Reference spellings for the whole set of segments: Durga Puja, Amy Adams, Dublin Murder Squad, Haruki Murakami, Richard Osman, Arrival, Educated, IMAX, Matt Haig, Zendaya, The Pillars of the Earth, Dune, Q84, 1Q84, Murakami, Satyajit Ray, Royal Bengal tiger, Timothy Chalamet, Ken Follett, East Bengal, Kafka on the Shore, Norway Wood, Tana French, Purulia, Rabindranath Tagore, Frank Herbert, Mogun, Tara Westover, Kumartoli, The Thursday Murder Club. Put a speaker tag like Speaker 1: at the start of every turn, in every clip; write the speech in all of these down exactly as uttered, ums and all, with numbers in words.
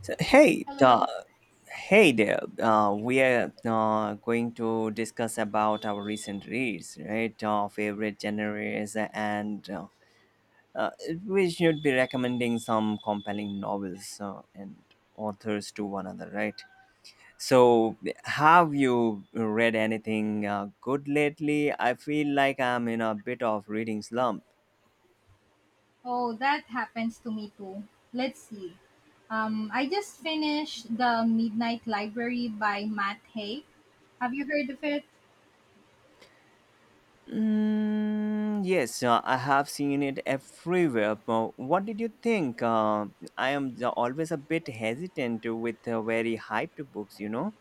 Speaker 1: So, hey,
Speaker 2: Hello.
Speaker 1: uh, hey there. Uh, we are uh, going to discuss about our recent reads, right? Our favorite genres, and uh, uh, we should be recommending some compelling novels uh, and authors to one another, right? So, have you read anything uh, good lately? I feel like I'm in a bit of reading slump.
Speaker 2: Oh, that happens to me too. Let's see. Um, I just finished The Midnight Library by Matt Haig. Have you heard of it?
Speaker 1: Mm, yes, uh, I have seen it everywhere. But what did you think? Uh, I am the- always a bit hesitant with uh, very hyped books, you know?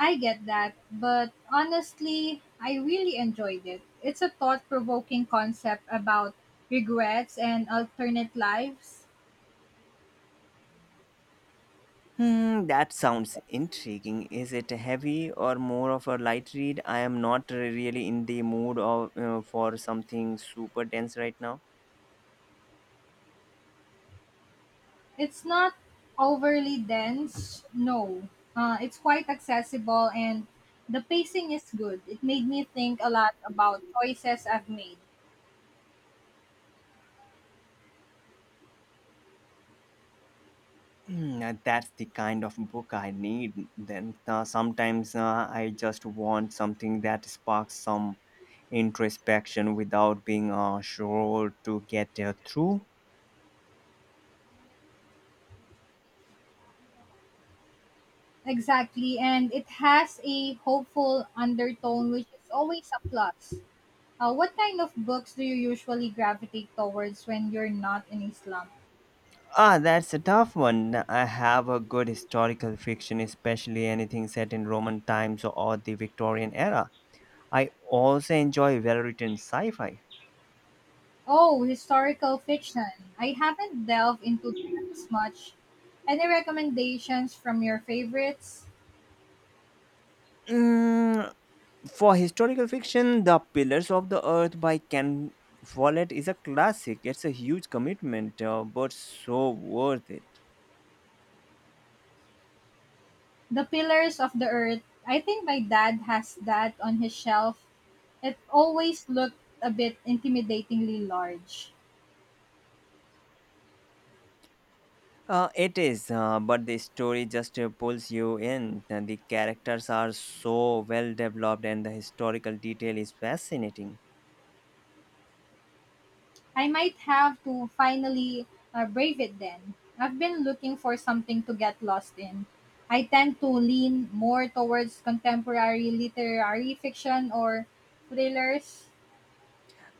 Speaker 2: I get that, but honestly, I really enjoyed it. It's a thought provoking concept about regrets and alternate lives.
Speaker 1: Hmm, that sounds intriguing. Is it heavy or more of a light read? I am not really in the mood of, uh, for something super dense right now.
Speaker 2: It's not overly dense, no. Uh, it's quite accessible and the pacing is good. It made me think a lot about choices I've made.
Speaker 1: Hmm, uh, that's the kind of book I need. Then uh, sometimes uh, I just want something that sparks some introspection without being uh, sure to get uh, through?
Speaker 2: Exactly, and it has a hopeful undertone, which is always a plus. Uh, what kind of books do you usually gravitate towards when you're not in a slump?
Speaker 1: Ah, that's a tough one. I have a good historical fiction, especially anything set in Roman times or the Victorian era. I also enjoy well written sci fi.
Speaker 2: Oh, historical fiction. I haven't delved into that as much. Any recommendations from your favorites?
Speaker 1: Mm, for historical fiction, The Pillars of the Earth by Ken Follett is a classic. It's a huge commitment, uh, but so worth it.
Speaker 2: The Pillars of the Earth. I think my dad has that on his shelf. It always looked a bit intimidatingly large.
Speaker 1: Uh, it is, uh, but the story just uh, pulls you in. And the characters are so well developed, and the historical detail is fascinating.
Speaker 2: I might have to finally uh, brave it then. I've been looking for something to get lost in. I tend to lean more towards contemporary literary fiction or thrillers.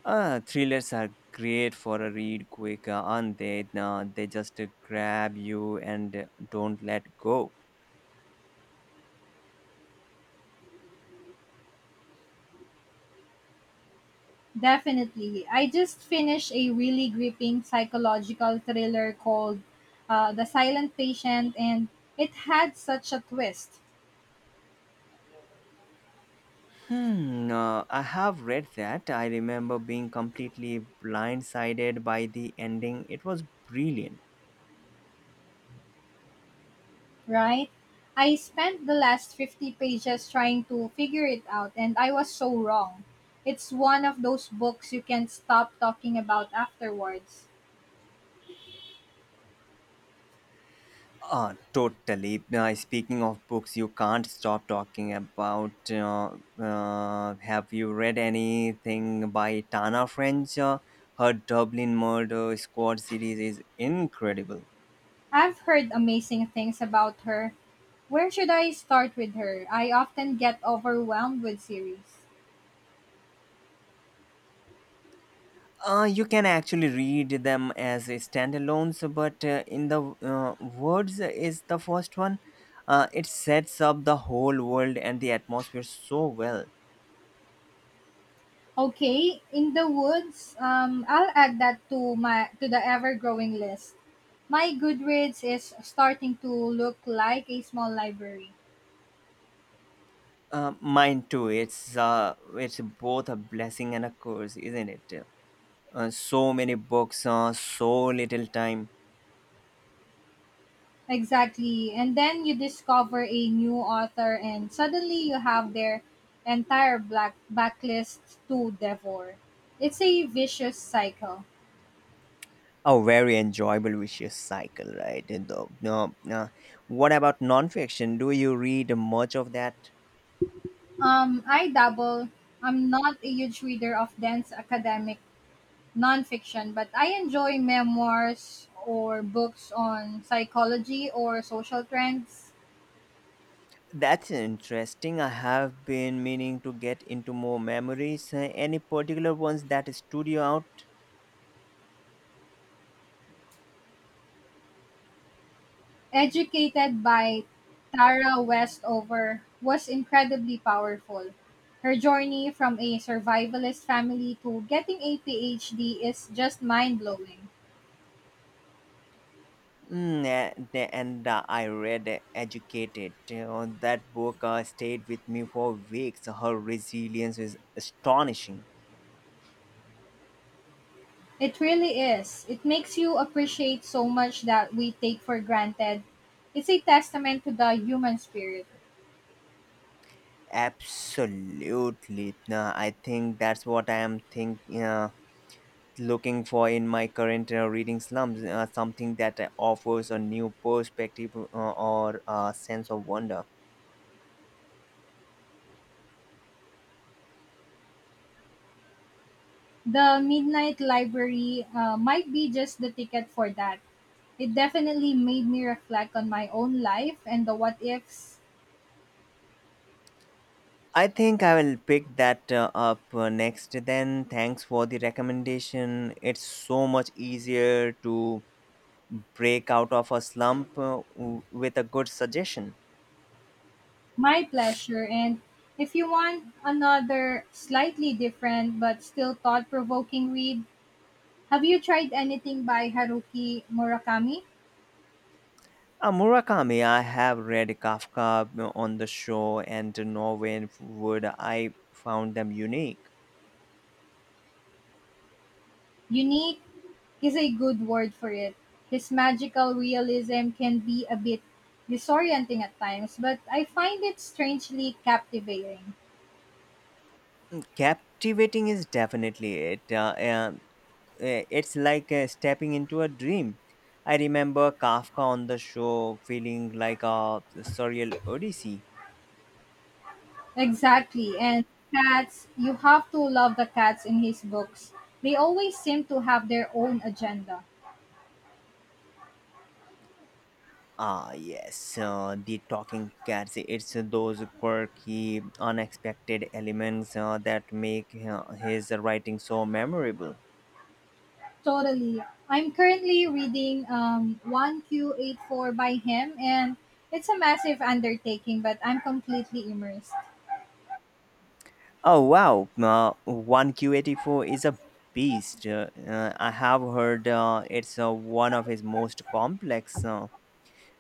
Speaker 1: Uh, thrillers are great for a read quick, uh, not they uh, they just uh, grab you and uh, don't let go.
Speaker 2: Definitely. I just finished a really gripping psychological thriller called uh, The Silent Patient, and it had such a twist.
Speaker 1: Hmm, uh, I have read that. I remember being completely blindsided by the ending. It was brilliant.
Speaker 2: Right? I spent the last fifty pages trying to figure it out, and I was so wrong. It's one of those books you can't stop talking about afterwards.
Speaker 1: Uh, totally. Uh, speaking of books, you can't stop talking about. Uh, uh, have you read anything by Tana French? Uh, her Dublin Murder Squad series is incredible.
Speaker 2: I've heard amazing things about her. Where should I start with her? I often get overwhelmed with series.
Speaker 1: Uh, you can actually read them as standalones, but uh, in the uh, words is the first one. Uh, it sets up the whole world and the atmosphere so well.
Speaker 2: Okay, in the woods. Um, I'll add that to my to the ever-growing list. My Goodreads is starting to look like a small library.
Speaker 1: Uh, mine too. It's uh, it's both a blessing and a curse, isn't it? Uh, so many books, uh, so little time.
Speaker 2: Exactly. And then you discover a new author, and suddenly you have their entire black backlist to devour. It's a vicious cycle.
Speaker 1: A very enjoyable vicious cycle, right? And the, no, no. What about nonfiction? Do you read much of that?
Speaker 2: Um, I dabble. I'm not a huge reader of dense academic nonfiction, but I enjoy memoirs or books on psychology or social trends.
Speaker 1: That's interesting. I have been meaning to get into more memories. Uh, Any particular ones that stood you out?
Speaker 2: Educated by Tara Westover, was incredibly powerful. Her journey from a survivalist family to getting a PhD is just mind blowing.
Speaker 1: Mm, and and, uh, I read uh, Educated. Uh, that book uh, stayed with me for weeks. Her resilience is astonishing.
Speaker 2: It really is. It makes you appreciate so much that we take for granted. It's a testament to the human spirit.
Speaker 1: Absolutely. No, I think that's what I am think uh, looking for in my current uh, reading slums. uh, Something that uh, offers a new perspective uh, or a sense of wonder.
Speaker 2: The Midnight Library uh, might be just the ticket for that. It definitely made me reflect on my own life and the what ifs.
Speaker 1: I think I will pick that uh, up uh, next then. Thanks for the recommendation. It's so much easier to break out of a slump uh, w- with a good suggestion.
Speaker 2: My pleasure. And if you want another slightly different but still thought provoking read, have you tried anything by Haruki Murakami?
Speaker 1: Uh, Murakami, I have read Kafka on the Shore and Norway Wood. I found them unique.
Speaker 2: Unique is a good word for it. His magical realism can be a bit disorienting at times, but I find it strangely captivating.
Speaker 1: Captivating is definitely it. Uh, uh, uh, it's like uh, stepping into a dream. I remember Kafka on the Shore feeling like a surreal odyssey.
Speaker 2: Exactly. And cats, you have to love the cats in his books. They always seem to have their own agenda.
Speaker 1: Ah, yes, uh, the talking cats. It's those quirky, unexpected elements uh, that make uh, his writing so memorable.
Speaker 2: Totally. I'm currently reading um, one Q eighty-four by him, and it's a massive undertaking, but I'm completely immersed.
Speaker 1: Oh wow, uh, one Q eighty-four is a beast. Uh, uh, I have heard uh, it's uh, one of his most complex. Uh,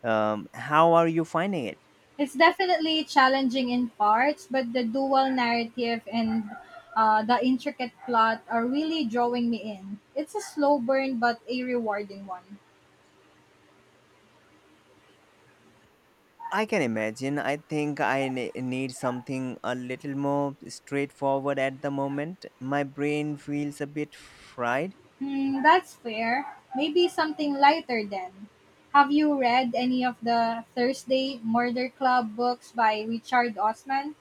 Speaker 1: um, How are you finding it?
Speaker 2: It's definitely challenging in parts, but the dual narrative and uh, the intricate plot are really drawing me in. It's a slow burn, but a rewarding one.
Speaker 1: I can imagine. I think I ne- need something a little more straightforward at the moment. My brain feels a bit fried.
Speaker 2: Hmm, that's fair. Maybe something lighter then. Have you read any of the Thursday Murder Club books by Richard Osman?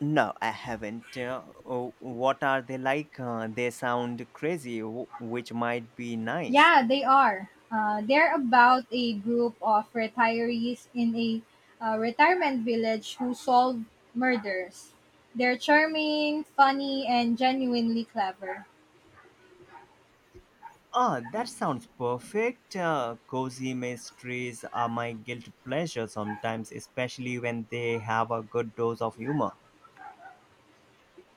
Speaker 1: No, I haven't. Uh, oh, what are they like? Uh, they sound crazy, wh- which might be nice.
Speaker 2: Yeah, they are. Uh, they're about a group of retirees in a uh, retirement village who solve murders. They're charming, funny, and genuinely clever.
Speaker 1: Ah, that sounds perfect. Uh, cozy mysteries are my guilty pleasure sometimes, especially when they have a good dose of humor.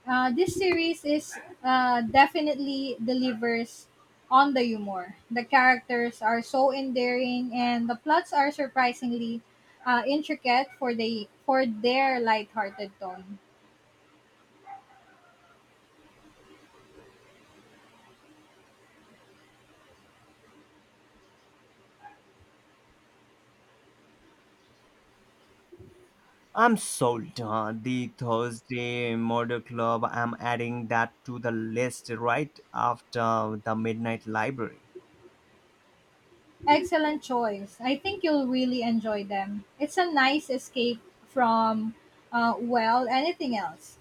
Speaker 2: Uh, this series is uh, definitely delivers on the humor. The characters are so endearing, and the plots are surprisingly uh, intricate for the for their lighthearted tone.
Speaker 1: I'm sold. Uh, The Thursday Murder Club, I'm adding that to the list right after the Midnight Library.
Speaker 2: Excellent choice. I think you'll really enjoy them. It's a nice escape from, uh, well, anything else.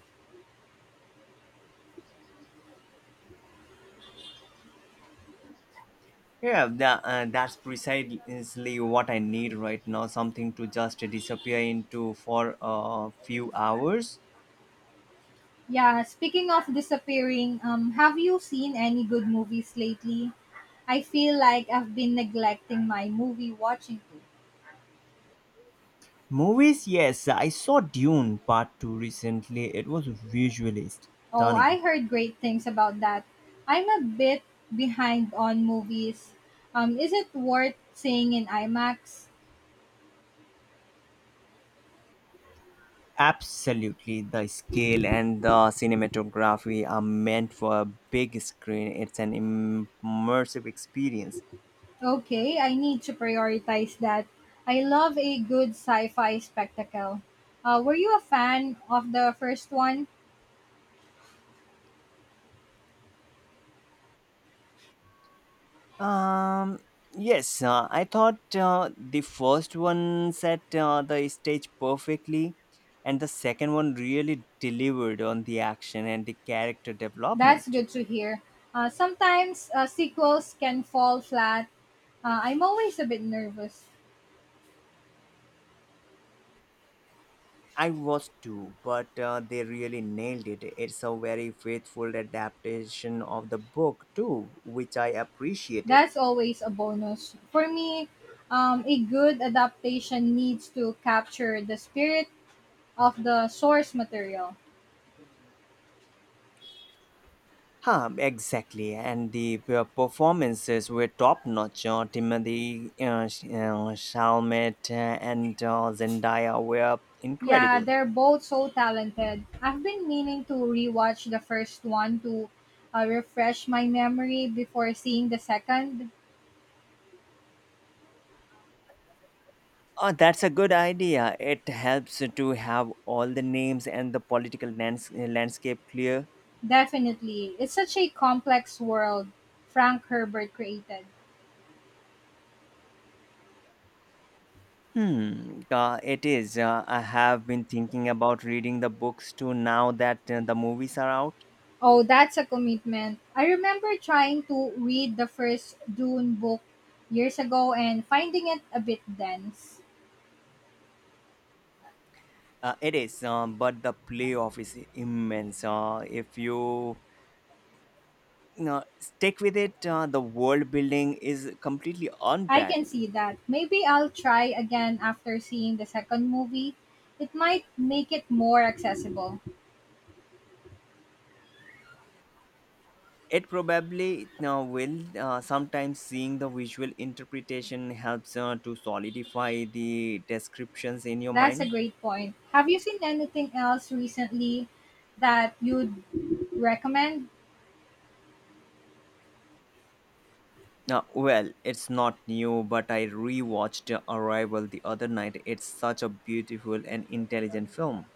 Speaker 1: Yeah, tha- uh, that's precisely what I need right now something to just disappear into for a few hours.
Speaker 2: Yeah, speaking of disappearing, um, have you seen any good movies lately? I feel like I've been neglecting my movie watching too.
Speaker 1: Movies, yes, I saw Dune Part part two recently. It was visually
Speaker 2: Oh,
Speaker 1: stunning.
Speaker 2: I heard great things about that. I'm a bit behind on movies. Um, is it worth seeing in IMAX?
Speaker 1: Absolutely, the scale and the cinematography are meant for a big screen. It's an im- immersive experience.
Speaker 2: Okay, I need to prioritize that. I love a good sci-fi spectacle. Uh, were you a fan of the first one?
Speaker 1: Um, yes, uh, I thought uh, the first one set uh, the stage perfectly, and the second one really delivered on the action and the character
Speaker 2: That's
Speaker 1: development.
Speaker 2: good to hear. Uh, sometimes uh, sequels can fall flat. Uh, I'm always a bit nervous.
Speaker 1: I was too, but uh, they really nailed it. It's a very faithful adaptation of the book too, which I appreciated.
Speaker 2: That's always a bonus. For me, um, a good adaptation needs to capture the spirit of the source material.
Speaker 1: Huh, exactly. And the p- performances were top notch. Uh, Timothy uh, Sh- uh, Chalamet uh, and uh, Zendaya were
Speaker 2: Yeah,
Speaker 1: incredible.
Speaker 2: they're both so talented. I've been meaning to rewatch the first one to uh, refresh my memory before seeing the second.
Speaker 1: Oh, that's a good idea. It helps to have all the names and the political lands- uh, landscape clear.
Speaker 2: Definitely. It's such a complex world Frank Herbert created.
Speaker 1: Hmm, uh, it is. Uh, I have been thinking about reading the books too now that uh, the movies are out.
Speaker 2: Oh, that's a commitment. I remember trying to read the first Dune book years ago and finding it a bit dense.
Speaker 1: Uh, it is, um, but the payoff is immense. Uh, if you, you know, stick with it, uh, the world building is completely
Speaker 2: I can
Speaker 1: unparalleled.
Speaker 2: see that. Maybe I'll try again after seeing the second movie. It might make it more accessible.
Speaker 1: It probably uh, will. Uh, sometimes seeing the visual interpretation helps uh, to solidify the descriptions in your
Speaker 2: That's
Speaker 1: mind.
Speaker 2: a great point. Have you seen anything else recently that you'd recommend?
Speaker 1: Uh, well, it's not new, but I rewatched Arrival the other night. It's such a beautiful and intelligent film.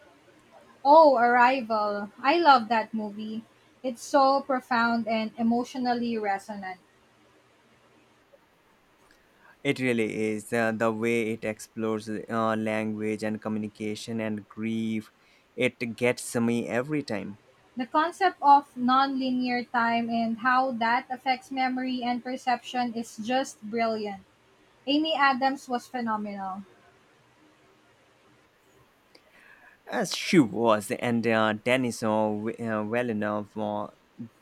Speaker 2: Oh, Arrival. I love that movie. It's so profound and emotionally resonant.
Speaker 1: It really is. Uh, the way it explores uh, language and communication and grief, it gets me every time.
Speaker 2: The concept of nonlinear time and how that affects memory and perception is just brilliant. Amy Adams was phenomenal.
Speaker 1: As she was, and uh, Denis uh, w- uh, Villeneuve uh,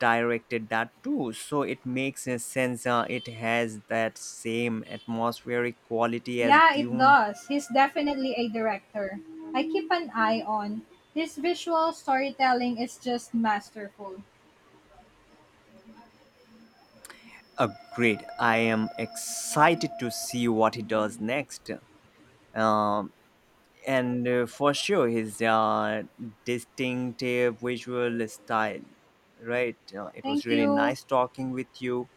Speaker 1: directed that too, so it makes a sense. Uh, it has that same atmospheric quality as
Speaker 2: Yeah, it
Speaker 1: Dune.
Speaker 2: does. He's definitely a director I keep an eye on. His visual storytelling is just masterful.
Speaker 1: Agreed. I am excited to see what he does next. Um, and uh, for sure, his uh, distinctive visual style, right? Uh, it was
Speaker 2: Thank
Speaker 1: really
Speaker 2: you.
Speaker 1: nice talking with you.